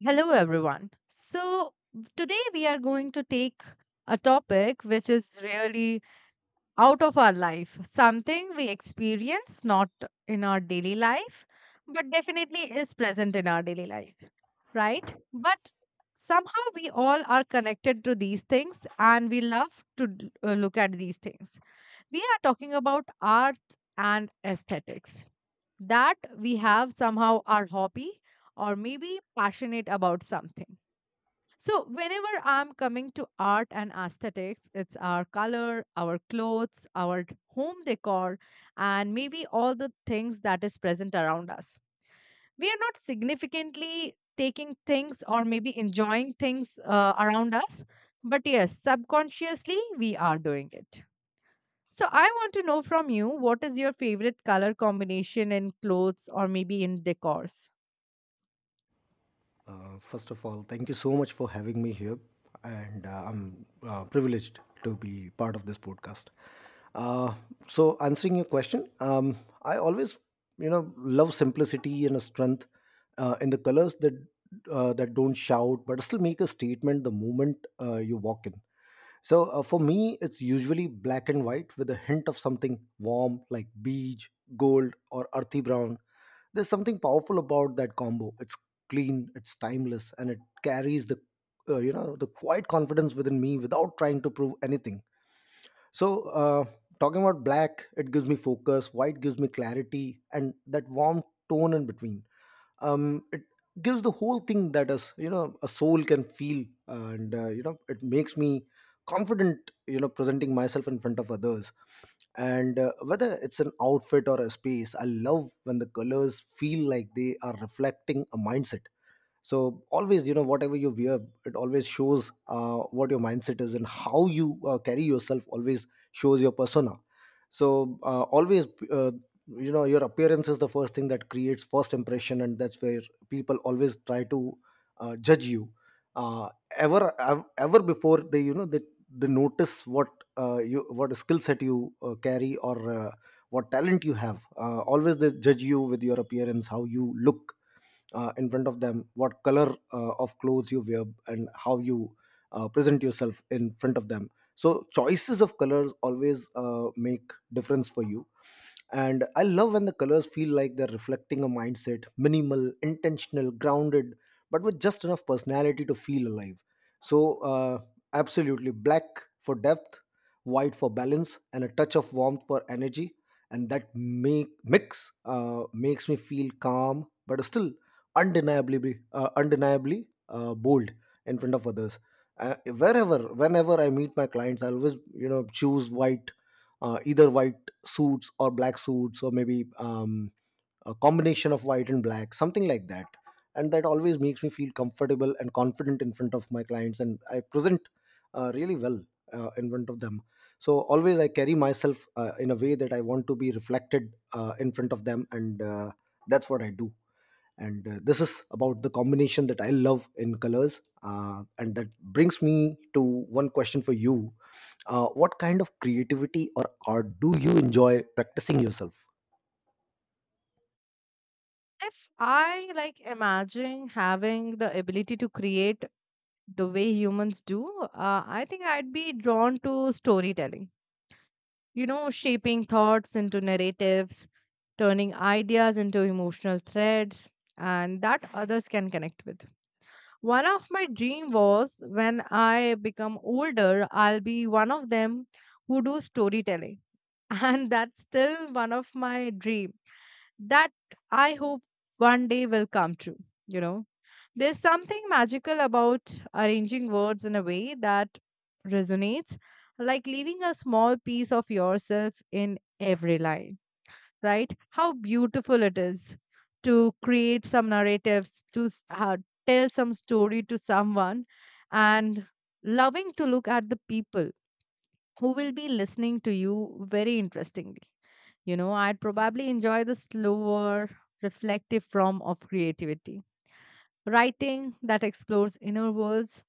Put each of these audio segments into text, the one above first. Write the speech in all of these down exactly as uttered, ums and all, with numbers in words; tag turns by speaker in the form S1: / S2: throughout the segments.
S1: Hello, everyone. So, today we are going to take a topic which is really out of our life, something we experience not in our daily life, but definitely is present in our daily life, right? But somehow we all are connected to these things and we love to d- uh, look at these things. We are talking about art and aesthetics. That we have somehow our hobby or maybe passionate about something so, whenever I'm coming to art and aesthetics, it's our color, our clothes, our home decor, and maybe all the things that is present around us. We are not significantly taking things or maybe enjoying things uh, around us, but yes, subconsciously we are doing it. So I want to know from you what is your favorite color combination in clothes or maybe in decors?
S2: Uh, first of all, thank you so much for having me here, and uh, I'm uh, privileged to be part of this podcast. Uh, so, Answering your question, um, I always, you know, love simplicity and a strength uh, in the colors that uh, that don't shout but still make a statement the moment uh, you walk in. So uh, for me, it's usually black and white with a hint of something warm like beige, gold, or earthy brown. There's something powerful about that combo. It's clean, it's timeless, and it carries the uh, you know the quiet confidence within me without trying to prove anything. So uh, talking about black, it gives me focus. White gives me clarity, and that warm tone in between um, it gives the whole thing that us, you know, a soul can feel. And uh, you know, it makes me confident, you know, presenting myself in front of others. And uh, whether it's an outfit or a space, I love when the colors feel like they are reflecting a mindset. So always, you know, whatever you wear, it always shows uh, what your mindset is, and how you uh, carry yourself always shows your persona. So uh, always uh, you know, your appearance is the first thing that creates first impression, and that's where people always try to uh, judge you. uh, ever ev- Ever before they, you know, they, they notice what uh, you what skill set you uh, carry, or uh, what talent you have. Uh, always they judge you with your appearance, how you look uh, in front of them, what color uh, of clothes you wear, and how you uh, present yourself in front of them. So choices of colors always uh, make difference for you. And I love when the colors feel like they're reflecting a mindset: minimal, intentional, grounded, but with just enough personality to feel alive. So uh, absolutely, black for depth, white for balance, and a touch of warmth for energy. And that make mix uh, makes me feel calm but still undeniably uh, undeniably uh, bold in front of others. Uh, wherever whenever I meet my clients, I always, you know, choose white. Uh, either white suits or black suits, or maybe um, a combination of white and black, something like that. And that always makes me feel comfortable and confident in front of my clients, and I present uh, really well uh, in front of them. So always I carry myself uh, in a way that I want to be reflected uh, in front of them. And uh, that's what I do. And uh, this is about the combination that I love in colors, uh, and that brings me to one question for you. Uh, what kind of creativity or art do you enjoy practicing yourself?
S1: If I like imagine having the ability to create the way humans do, uh, I think I'd be drawn to storytelling. You know, shaping thoughts into narratives, turning ideas into emotional threads, and that others can connect with. One of my dream was when I become older, I'll be one of them who do storytelling, and that's still one of my dream that I hope one day will come true. You know, there's something magical about arranging words in a way that resonates, like leaving a small piece of yourself in every line, right? How beautiful it is to create some narratives, to s- uh, tell some story to someone, and loving to look at the people who will be listening to you very interestingly. You know, I'd probably enjoy the slower, reflective form of creativity writing that explores inner worlds,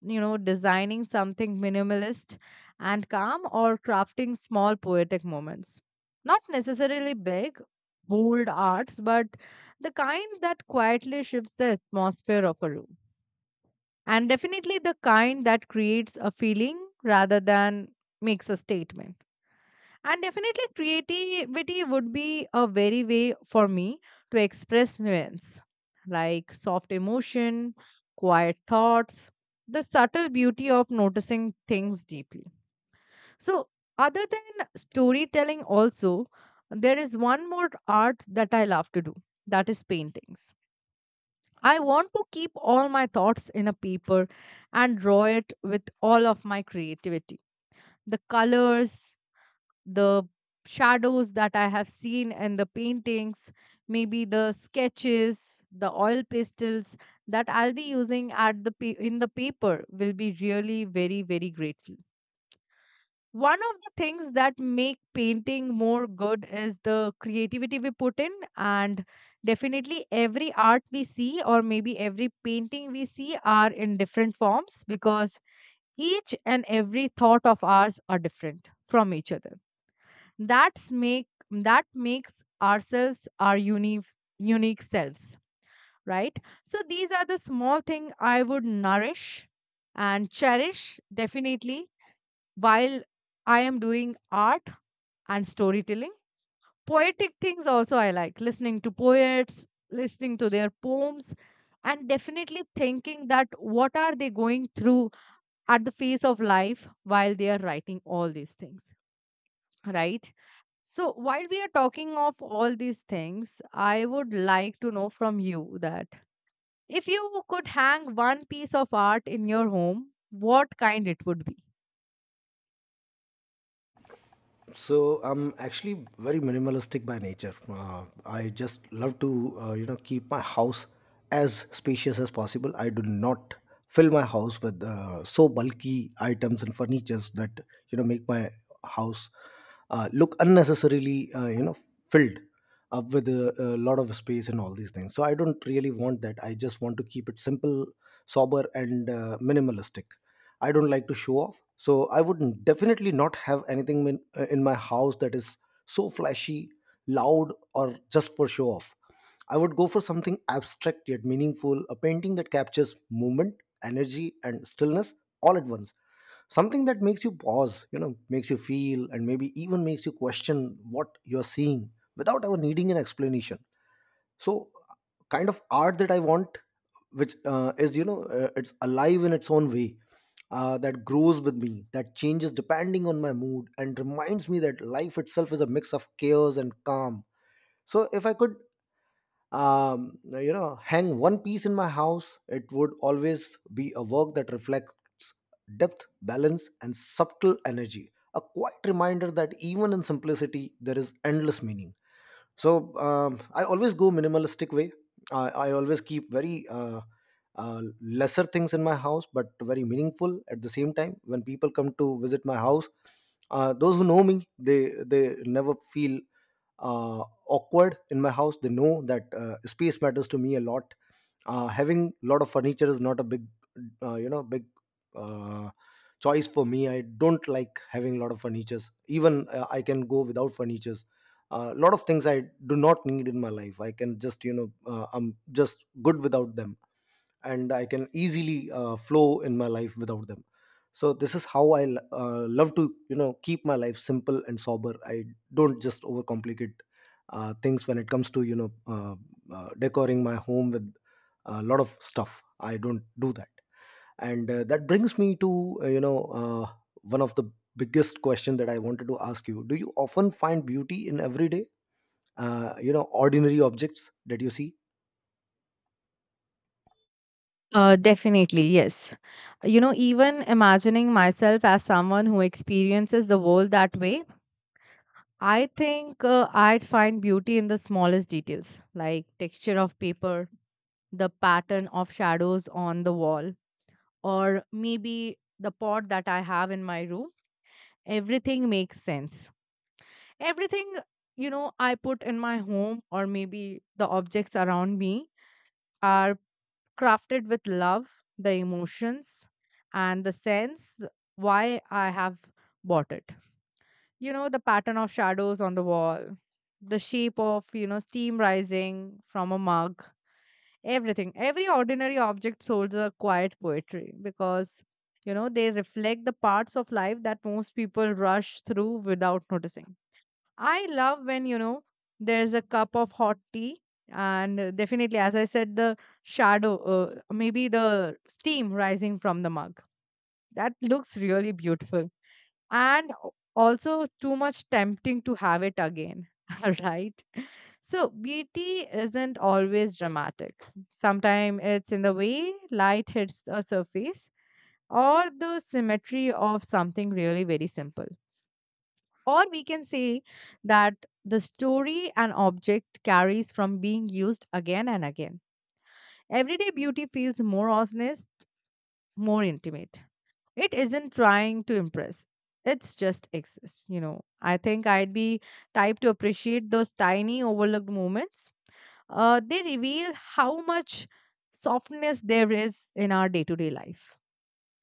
S1: you know, designing something minimalist and calm, or crafting small poetic moments. Not necessarily big, bold arts, but the kind that quietly shifts the atmosphere of a room. And definitely the kind that creates a feeling rather than makes a statement. And definitely, creativity would be a very way for me to express nuance, like soft emotion, quiet thoughts, the subtle beauty of noticing things deeply. So, other than storytelling, also, there is one more art that I love to do that is paintings. I want to keep all my thoughts in a paper and draw it with all of my creativity. The colors, the shadows that I have seen and the paintings, maybe the sketches, the oil pastels that I'll be using at the pa- in the paper will be really very very grateful. One of the things that make painting more good is the creativity we put in and definitely every art we see or maybe every painting we see are in different forms because each and every thought of ours are different from each other that's make that makes ourselves our unique unique selves, right? So these are the small thing I would nourish and cherish definitely while I am doing art and storytelling. Poetic things also I like listening to poets, listening to their poems and definitely thinking that what are they going through at the face of life while they are writing all these things, right? So while we are talking of all these things, I would like to know from you that if you could hang one piece of art in your home, what kind it would be?
S2: So I'm actually very minimalistic by nature. uh, I just love to uh, you know, keep my house as spacious as possible. I do not fill my house with uh, so bulky items and furnitures that, you know, make my house uh, look unnecessarily uh, you know, filled up with a, a lot of space and all these things. So I don't really want that. I just want to keep it simple, sober, and uh, minimalistic. I don't like to show off. So I would definitely not have anything in, uh, in my house that is so flashy, loud, or just for show off. I would go for something abstract yet meaningful, a painting that captures movement, energy, and stillness all at once. Something that makes you pause, you know, makes you feel, and maybe even makes you question what you're seeing without ever needing an explanation. So, kind of art that I want, which uh, is, you know, uh, it's alive in its own way, uh, that grows with me, that changes depending on my mood, and reminds me that life itself is a mix of chaos and calm. So if I could, um, you know, hang one piece in my house, it would always be a work that reflects depth, balance, and subtle energy. A quiet reminder that even in simplicity there is endless meaning. So um, I always go minimalistic way. i, I always keep very uh, uh, lesser things in my house, but very meaningful at the same time. When people come to visit my house, uh, those who know me, they they never feel uh, awkward in my house. They know that uh, space matters to me a lot. Uh, having a lot of furniture is not a big uh, you know, big uh, choice for me. I don't like having a lot of furnitures. Even uh, I can go without furniture. A lot of things I do not need in my life. I can just, you know, uh, I'm just good without them, and I can easily uh, flow in my life without them. So this is how I l- uh, love to, you know, keep my life simple and sober. I don't just overcomplicate uh, things when it comes to, you know, uh, uh, decoring my home with a lot of stuff. I don't do that. And uh, that brings me to uh, you know, uh, one of the biggest question that I wanted to ask you: do you often find beauty in everyday uh, you know, ordinary objects that you see?
S1: Uh, definitely, yes. You know, even imagining myself as someone who experiences the world that way, I think uh, I'd find beauty in the smallest details, like texture of paper, the pattern of shadows on the wall, or maybe the pot that I have in my room. Everything makes sense, everything you know I put in my home or maybe the objects around me are crafted with love, the emotions and the sense why I have bought it. You know, the pattern of shadows on the wall, the shape of you know steam rising from a mug, everything, every ordinary object holds a quiet poetry because you know they reflect the parts of life that most people rush through without noticing. I love when, you know, there's a cup of hot tea. And uh, definitely, as I said, the shadow, uh, maybe the steam rising from the mug. That looks really beautiful. And o- also, too much tempting to have it again, right? So, beauty isn't always dramatic. Sometimes it's in the way light hits a surface or the symmetry of something really very simple. Or we can say that the story an object carries from being used again and again. Everyday beauty feels more honest, more intimate. It isn't trying to impress. It's just exists, you know. I think I'd be type to appreciate those tiny overlooked moments. Uh, they reveal how much softness there is in our day-to-day life,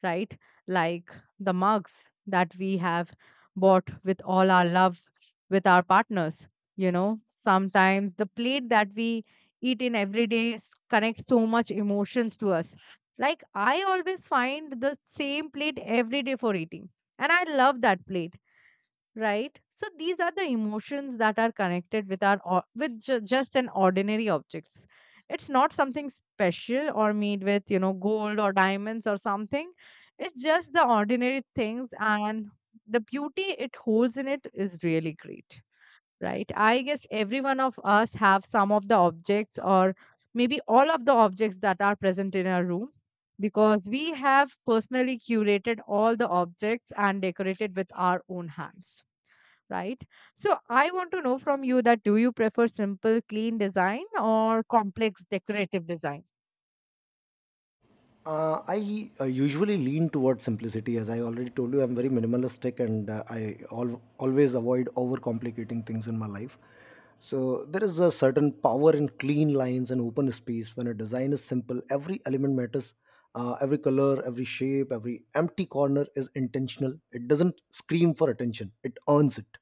S1: right? Like the mugs that we have bought with all our love with our partners. You know, sometimes the plate that we eat in every day s- connects so much emotions to us. Like I always find the same plate every day for eating. And I love that plate, right? So these are the emotions that are connected with our or- with ju- just an ordinary objects. It's not something special or made with you know gold or diamonds or something. It's just the ordinary things and the beauty it holds in it is really great, right? I guess every one of us have some of the objects or maybe all of the objects that are present in our room because we have personally curated all the objects and decorated with our own hands, right? So I want to know from you that do you prefer simple, clean design or complex decorative design?
S2: uh, I uh, usually lean towards simplicity. As I already told you, I'm very minimalistic, and uh, I al- always avoid overcomplicating things in my life. So there is a certain power in clean lines and open space. When a design is simple, every element matters. Uh, every color, every shape, every empty corner is intentional. It doesn't scream for attention, it earns it.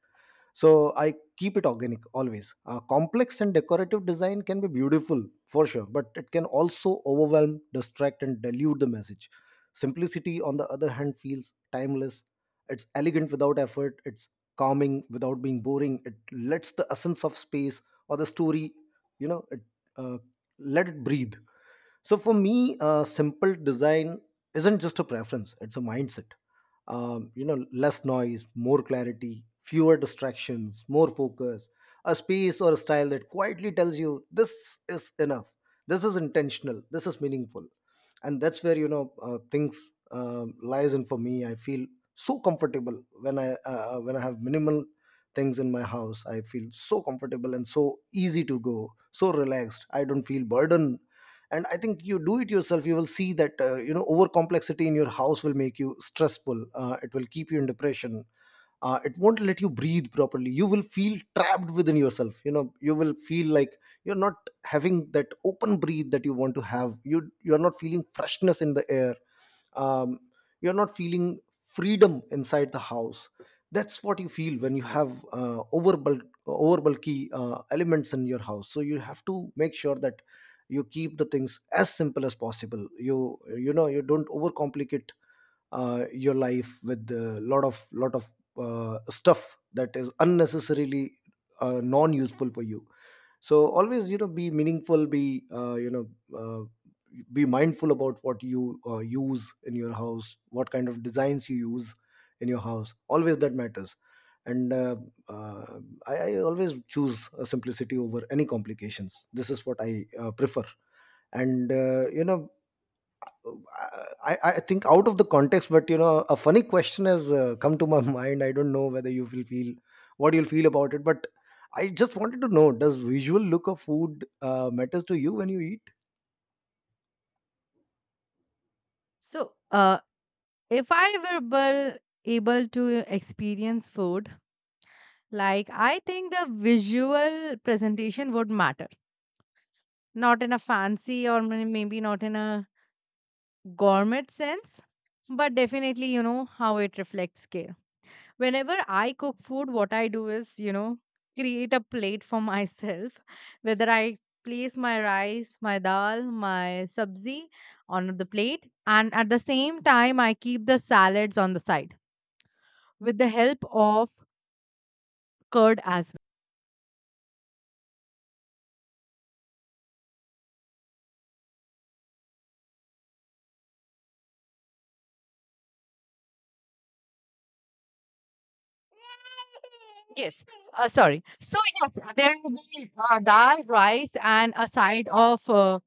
S2: So I keep it organic always. Uh, complex and decorative design can be beautiful, for sure, but it can also overwhelm, distract, and dilute the message. Simplicity on the other hand feels timeless. It's elegant without effort, it's calming without being boring. It lets the essence of space or the story, you know, it uh, let it breathe. So for me, uh, simple design isn't just a preference; it's a mindset. Um, you know, less noise, more clarity, fewer distractions, more focus. A space or a style that quietly tells you this is enough. This is intentional. This is meaningful, and that's where, you know, uh, things um lies in for me. I feel so comfortable when I uh, uh, when I have minimal things in my house. I feel so comfortable and so easy to go, so relaxed. I don't feel burdened. And I think you do it yourself, you will see that uh, you know, over complexity in your house will make you stressful. Uh, it will keep you in depression. Uh, it won't let you breathe properly. You will feel trapped within yourself. You know, you will feel like you're not having that open breathe that you want to have. You you're not feeling freshness in the air. um, you're not feeling freedom inside the house. That's what you feel when you have uh, over bulk over bulky uh, elements in your house. So you have to make sure that you keep the things as simple as possible. You you know, you don't overcomplicate uh, your life with a lot of lot of uh, stuff that is unnecessarily uh, non useful for you. So always, you know, be meaningful, be uh, you know, uh, be mindful about what you uh, use in your house, what kind of designs you use in your house. Always that matters. And uh, uh, I, I always choose uh, simplicity over any complications. This is what I uh, prefer. And uh, you know, I, I think out of the context, but you know, a funny question has uh, come to my mind. I don't know whether you will feel what you'll feel about it, but I just wanted to know: does visual look of food uh, matters to you when you eat?
S1: So, uh, if I were able, able to experience food, like I think the visual presentation would matter, not in a fancy or may- maybe not in a gourmet sense, but definitely, you know, how it reflects care. Whenever I cook food, what I do is, you know, create a plate for myself, whether I place my rice, my dal, my sabzi on the plate, and at the same time, I keep the salads on the side with the help of curd as well. Yes, uh, sorry. So yes, there will be uh, dal, rice, and a side of uh,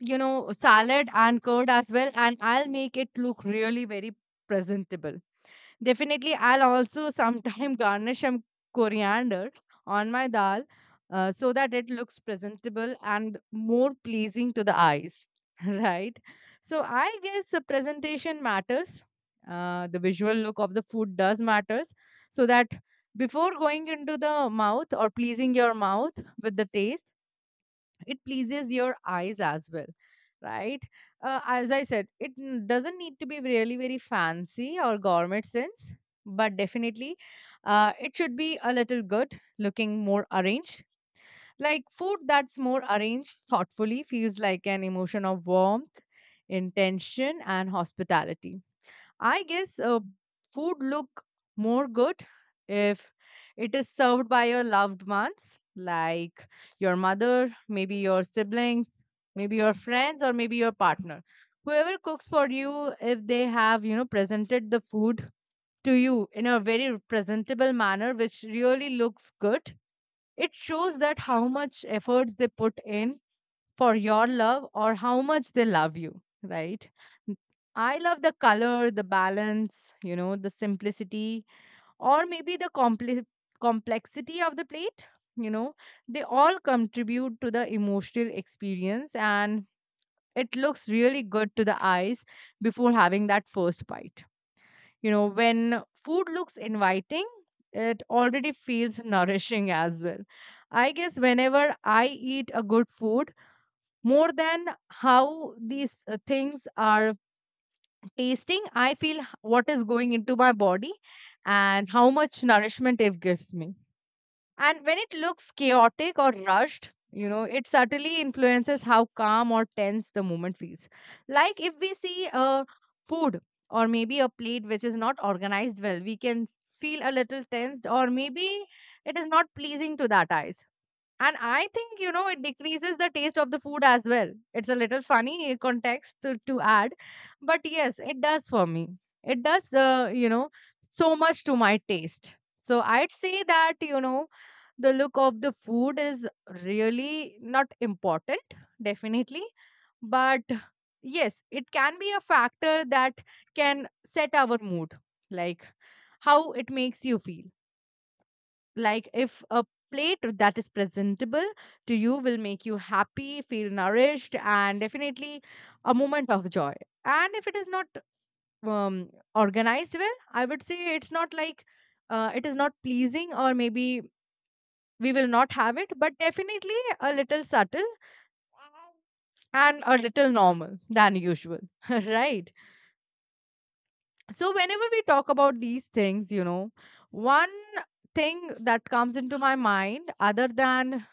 S1: you know salad and curd as well, and I'll make it look really very presentable. Definitely, I'll also sometime garnish some coriander on my dal uh, so that it looks presentable and more pleasing to the eyes, right? So, I guess the presentation matters. Uh, the visual look of the food does matters so that before going into the mouth or pleasing your mouth with the taste it pleases your eyes as well, right? Uh, as I said it n- doesn't need to be really very fancy or gourmet sense, but definitely uh, it should be a little good looking, more arranged. Like food that's more arranged thoughtfully feels like an emotion of warmth, intention and hospitality. I guess uh, food look more good if it is served by your loved ones, like your mother, maybe your siblings, maybe your friends, or maybe your partner. Whoever cooks for you, if they have, you know, presented the food to you in a very presentable manner, which really looks good, it shows that how much efforts they put in for your love or how much they love you, right? N- I love the color, the balance, you know, the simplicity, or maybe the compli complexity of the plate. You know, they all contribute to the emotional experience, and it looks really good to the eyes before having that first bite. You know, when food looks inviting, it already feels nourishing as well. I guess whenever I eat a good food, more than how these uh, things are tasting I feel h- what is going into my body and how much nourishment it gives me, and when it looks chaotic or rushed you know it subtly influences how calm or tense the moment feels. Like if we see a food or maybe a plate which is not organized well we can feel a little tensed, or maybe it is not pleasing to that eyes and I think, you know, it decreases the taste of the food as well. It's a little funny context to, to add. But yes, it does for me. It does, uh, you know, so much to my taste. So I'd say that, you know, the look of the food is really not important, definitely. But yes, it can be a factor that can set our mood, like how it makes you feel, like if a plate that is presentable to you will make you happy, feel nourished, and definitely a moment of joy. And if it is not um, organized well, I would say it's not like uh, it is not pleasing, or maybe we will not have it, but definitely a little subtle and a little normal than usual right? So whenever we talk about these things, you know, one thing that comes into my mind, other than,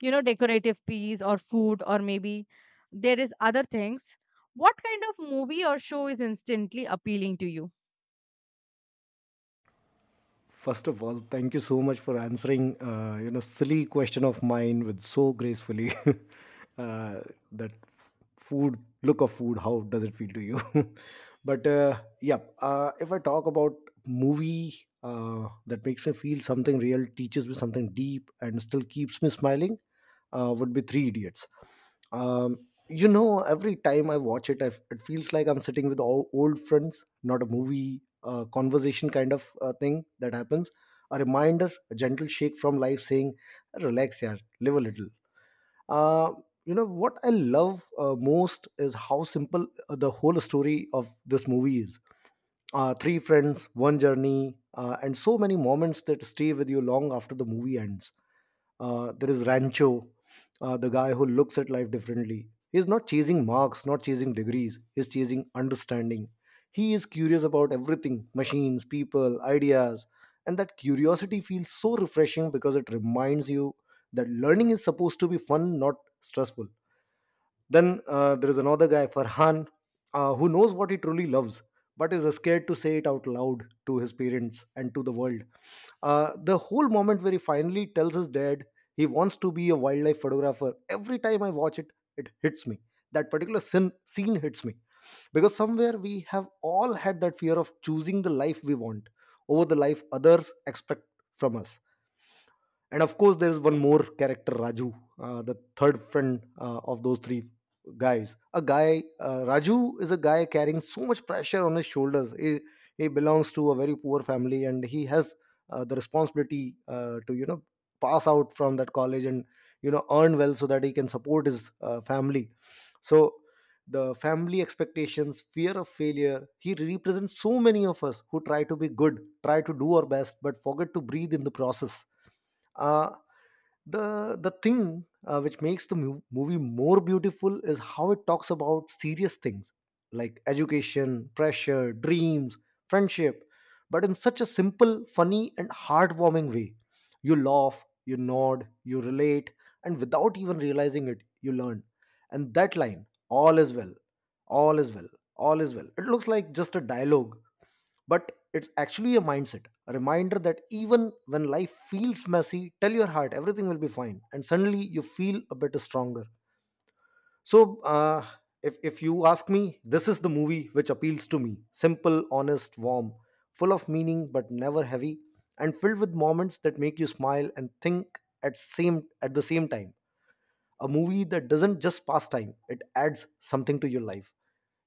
S1: you know, decorative piece or food, or maybe there is other things. What kind of movie or show is instantly appealing to you?
S2: First of all, thank you so much for answering uh, you know, silly question of mine with so gracefully. uh, that food, look of food, how does it feel to you? But uh, yeah, uh, if I talk about movie uh, that makes me feel something real, teaches me something deep, and still keeps me smiling, uh, would be Three Idiots. Um, you know, every time I watch it, I, it feels like I'm sitting with all old friends, not a movie uh, conversation kind of uh, thing that happens. A reminder, a gentle shake from life saying, relax, yeah, live a little. Uh, you know, what I love uh, most is how simple uh, the whole story of this movie is. Uh, three friends, one journey, uh, and so many moments that stay with you long after the movie ends. Uh, there is Rancho, uh, the guy who looks at life differently. He's not chasing marks, not chasing degrees, he's chasing understanding. He is curious about everything — machines, people, ideas. And that curiosity feels so refreshing because it reminds you that learning is supposed to be fun, not stressful. Then uh, there is another guy, Farhan, uh, who knows what he truly loves, but is scared to say it out loud to his parents and to the world. Uh, the whole moment where he finally tells his dad he wants to be a wildlife photographer, every time I watch it, it hits me. That particular sin, scene hits me. Because somewhere we have all had that fear of choosing the life we want over the life others expect from us. And of course there is one more character, Raju, uh, the third friend uh, of those three guys a guy uh, raju is a guy carrying so much pressure on his shoulders. He, he belongs to a very poor family, and he has uh, the responsibility uh, to, you know, pass out from that college and, you know, earn well so that he can support his uh, family. So the family expectations, fear of failure — he represents so many of us who try to be good, try to do our best, but forget to breathe in the process. uh, the the thing uh, which makes the mu- movie more beautiful is how it talks about serious things like education, pressure, dreams, friendship, but in such a simple, funny, and heartwarming way. You laugh, you nod, you relate, and without even realizing it, you learn. And that line, all is well, all is well, all is well. It looks like just a dialogue, but it's actually a mindset, a reminder that even when life feels messy, tell your heart everything will be fine, and suddenly you feel a bit stronger. So, uh, if, if you ask me, this is the movie which appeals to me — simple, honest, warm, full of meaning but never heavy, and filled with moments that make you smile and think at same at the same time. A movie that doesn't just pass time, it adds something to your life.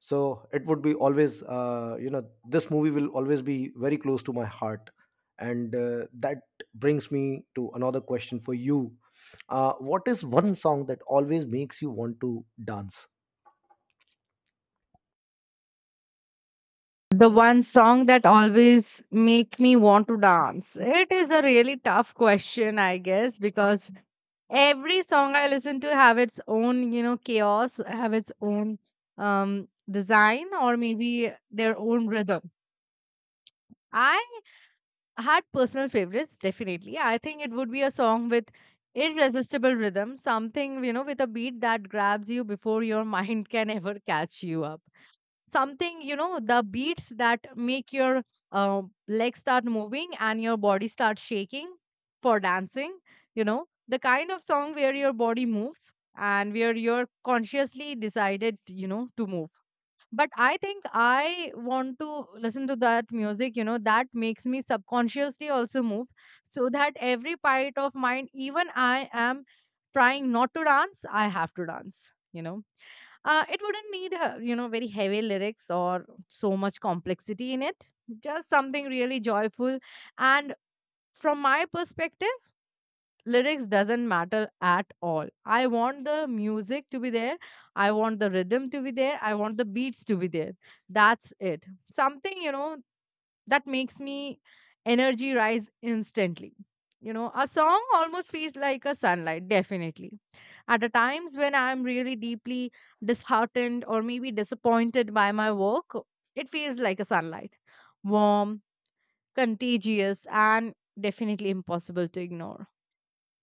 S2: So it would be always, uh, you know, this movie will always be very close to my heart. And uh, that brings me to another question for you. Uh, what is one song that always makes you want to dance?
S1: The one song that always make me want to dance, it is a really tough question, I guess, because every song I listen to have its own, you know, chaos, have its own um design, or maybe their own rhythm. I had personal favorites. Definitely, I think it would be a song with irresistible rhythm, something, you know, with a beat that grabs you before your mind can ever catch you up. Something, you know, the beats that make your uh, legs start moving and your body start shaking for dancing. You know, the kind of song where your body moves and where you're consciously decided, you know, to move. But I think I want to listen to that music, you know, that makes me subconsciously also move, so that every part of mine, even I am trying not to dance, I have to dance, you know. Uh, it wouldn't need, uh, you know, very heavy lyrics or so much complexity in it. Just something really joyful. And from my perspective, lyrics doesn't matter at all. I want the music to be there, I want the rhythm to be there, I want the beats to be there. That's it. Something, you know, that makes me energy rise instantly. You know, a song almost feels like a sunlight. Definitely, at the times when I'm really deeply disheartened or maybe disappointed by my work, it feels like a sunlight. Warm, contagious, and definitely impossible to ignore.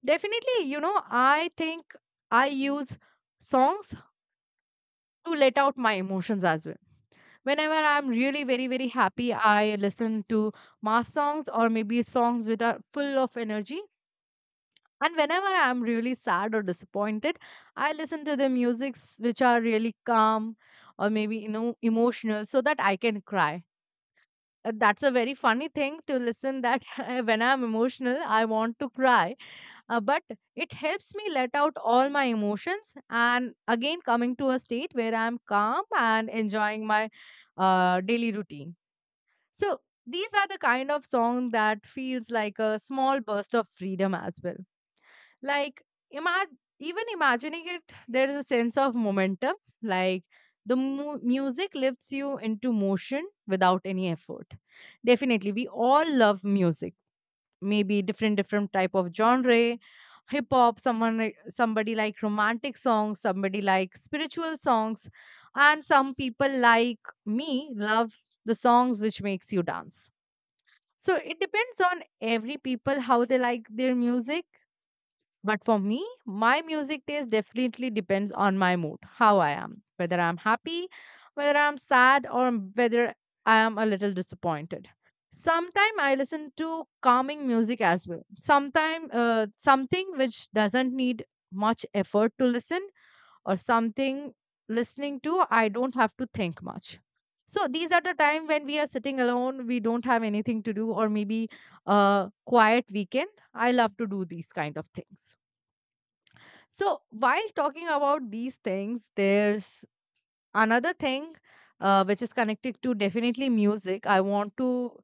S1: Definitely, you know, I think I use songs to let out my emotions as well. Whenever I'm really very, very happy, I listen to mass songs or maybe songs which are full of energy. And whenever I'm really sad or disappointed, I listen to the musics which are really calm, or maybe, you know, emotional, so that I can cry. Uh, That's a very funny thing to listen that when I'm emotional, I want to cry, uh, but it helps me let out all my emotions and again coming to a state where I'm calm and enjoying my uh, daily routine. So these are the kind of song that feels like a small burst of freedom as well. Like, ima- even imagining it, there is a sense of momentum. Like the mu- music lifts you into motion without any effort. Definitely, we all love music, maybe different different type of genre. Hip hop, someone like- somebody like romantic songs, somebody like spiritual songs, and some people, like me, love the songs which makes you dance. So it depends on every people how they like their music. But for me, my music taste definitely depends on my mood, how I am, whether I'm happy, whether I'm sad, or whether I am a little disappointed. Sometimes I listen to calming music as well. Sometimes uh, something which doesn't need much effort to listen, or something listening to I don't have to think much. So these are the time when we are sitting alone, we don't have anything to do, or maybe a quiet weekend. I love to do these kind of things. So, while talking about these things, there's another thing uh, which is connected to definitely music. I want to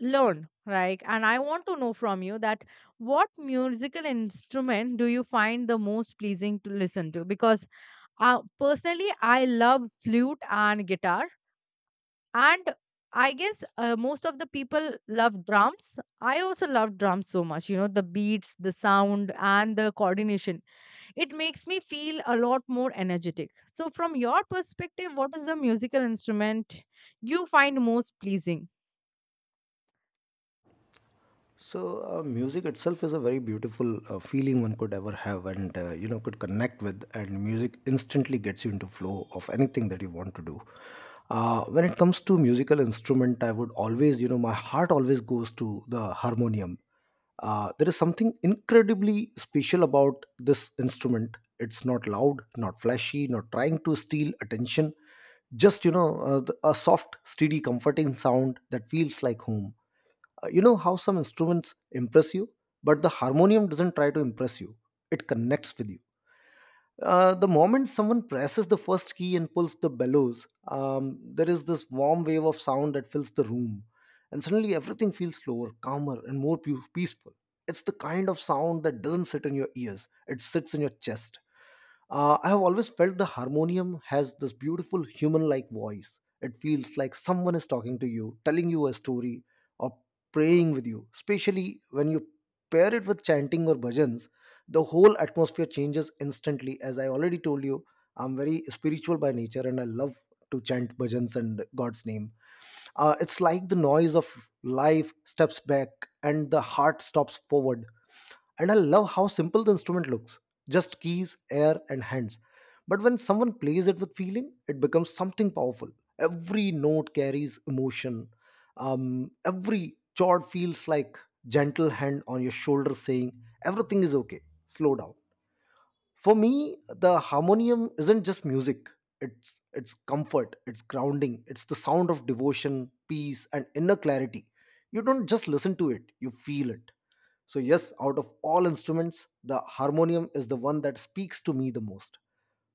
S1: learn, right? And I want to know from you that what musical instrument do you find the most pleasing to listen to? Because uh, personally, I love flute and guitar. And I guess uh, most of the people love drums. I also love drums so much, you know, the beats, the sound, and the coordination, it makes me feel a lot more energetic. So, from your perspective, what is the musical instrument you find most pleasing?
S2: So, uh, music itself is a very beautiful uh, feeling one could ever have, and uh, you know, could connect with. And music instantly gets you into flow of anything that you want to do. Uh, when it comes to musical instrument, I would always, you know — my heart always goes to the harmonium. Uh, there is something incredibly special about this instrument. It's not loud, not flashy, not trying to steal attention. Just, you know, uh, the- a soft, steady, comforting sound that feels like home. Uh, you know how some instruments impress you, but the harmonium doesn't try to impress you, it connects with you. Uh, the moment someone presses the first key and pulls the bellows, um, there is this warm wave of sound that fills the room, and suddenly everything feels slower, calmer, and more pu- peaceful. It's the kind of sound that doesn't sit in your ears, it sits in your chest. uh, I have always felt the harmonium has this beautiful human like voice. It feels like someone is talking to you, telling you a story, or praying with you. Especially when you pair it with chanting or bhajans, the whole atmosphere changes instantly. As I already told you, I'm very spiritual by nature, and I love to chant bhajans and God's name. Uh, it's like the noise of life steps back and the heart stops forward. And I love how simple the instrument looks — just keys, air, and hands. But when someone plays it with feeling, it becomes something powerful. Every note carries emotion. Um, every chord feels like gentle hand on your shoulder saying, everything is okay, slow down. For me, the harmonium isn't just music. It's it's comfort, it's grounding, it's the sound of devotion, peace, and inner clarity. You don't just listen to it, you feel it. So, yes, out of all instruments, the harmonium is the one that speaks to me the most.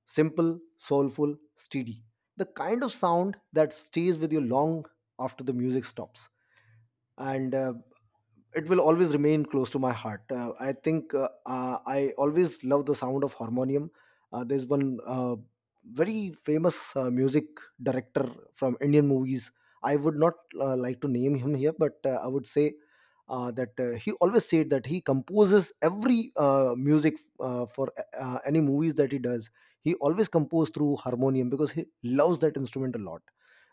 S2: Simple, soulful, steady. The kind of sound that stays with you long after the music stops. And uh, it will always remain close to my heart. Uh, I think uh, uh, I always love the sound of harmonium. Uh, there's one uh, very famous uh, music director from Indian movies. I would not uh, like to name him here, but uh, I would say uh, that uh, he always said that he composes every uh, music uh, for uh, uh, any movies that he does. He always composes through harmonium because he loves that instrument a lot.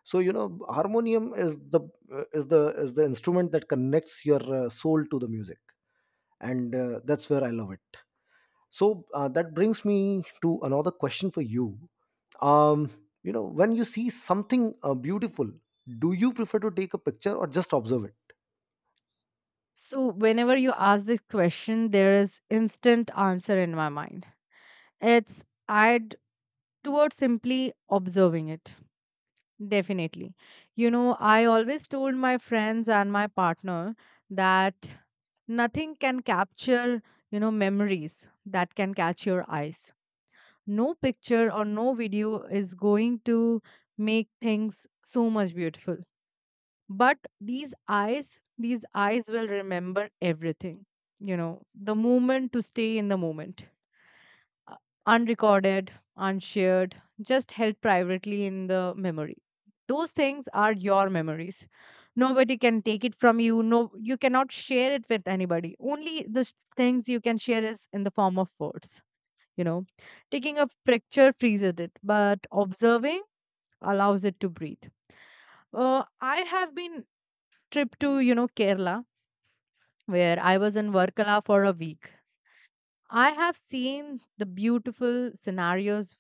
S2: So, you know, harmonium is the uh, is the is the instrument that connects your uh, soul to the music, and uh, that's where I love it. So, uh, that brings me to another question for you. um you know, when you see something uh, beautiful, do you prefer to take a picture or just observe it?
S1: So, whenever you ask this question, there is instant answer in my mind. It's I'd towards simply observing it. Definitely. You know, I always told my friends and my partner that nothing can capture, you know, memories that can catch your eyes. No picture or no video is going to make things so much beautiful, but these eyes, these eyes will remember everything. You know, the moment to stay in the moment, uh, unrecorded, unshared, just held privately in the memory. Those things are your memories, nobody can take it from you. No, you cannot share it with anybody. Only the s- things you can share is in the form of words, you know. Taking a picture freezes it, but observing allows it to breathe. uh, I have been trip to, you know, Kerala, where I was in Varkala for a week. I have seen the beautiful scenarios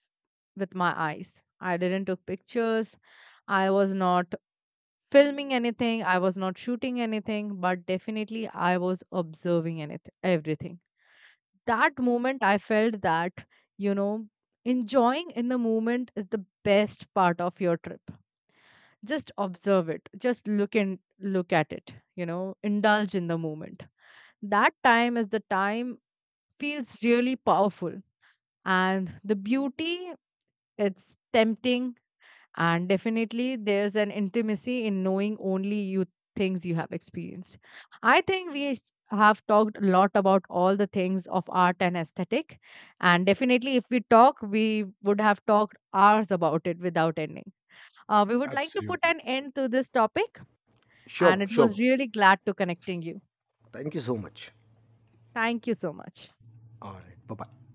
S1: with my eyes. I didn't took pictures, I was not filming anything, I was not shooting anything, but definitely I was observing anything, everything. That moment I felt that, you know, enjoying in the moment is the best part of your trip. Just observe it, just look and look at it, you know, indulge in the moment. That time is the time feels really powerful. And the beauty, it's tempting. And definitely, there's an intimacy in knowing only you things you have experienced. I think we have talked a lot about all the things of art and aesthetic. And definitely, if we talk, we would have talked hours about it without ending. Uh, we would like to put
S2: Absolutely.
S1: an end to this topic, and
S2: Sure,
S1: it was
S2: sure.
S1: really glad to connecting you.
S2: Thank you so much.
S1: Thank you so much.
S2: All right, bye bye.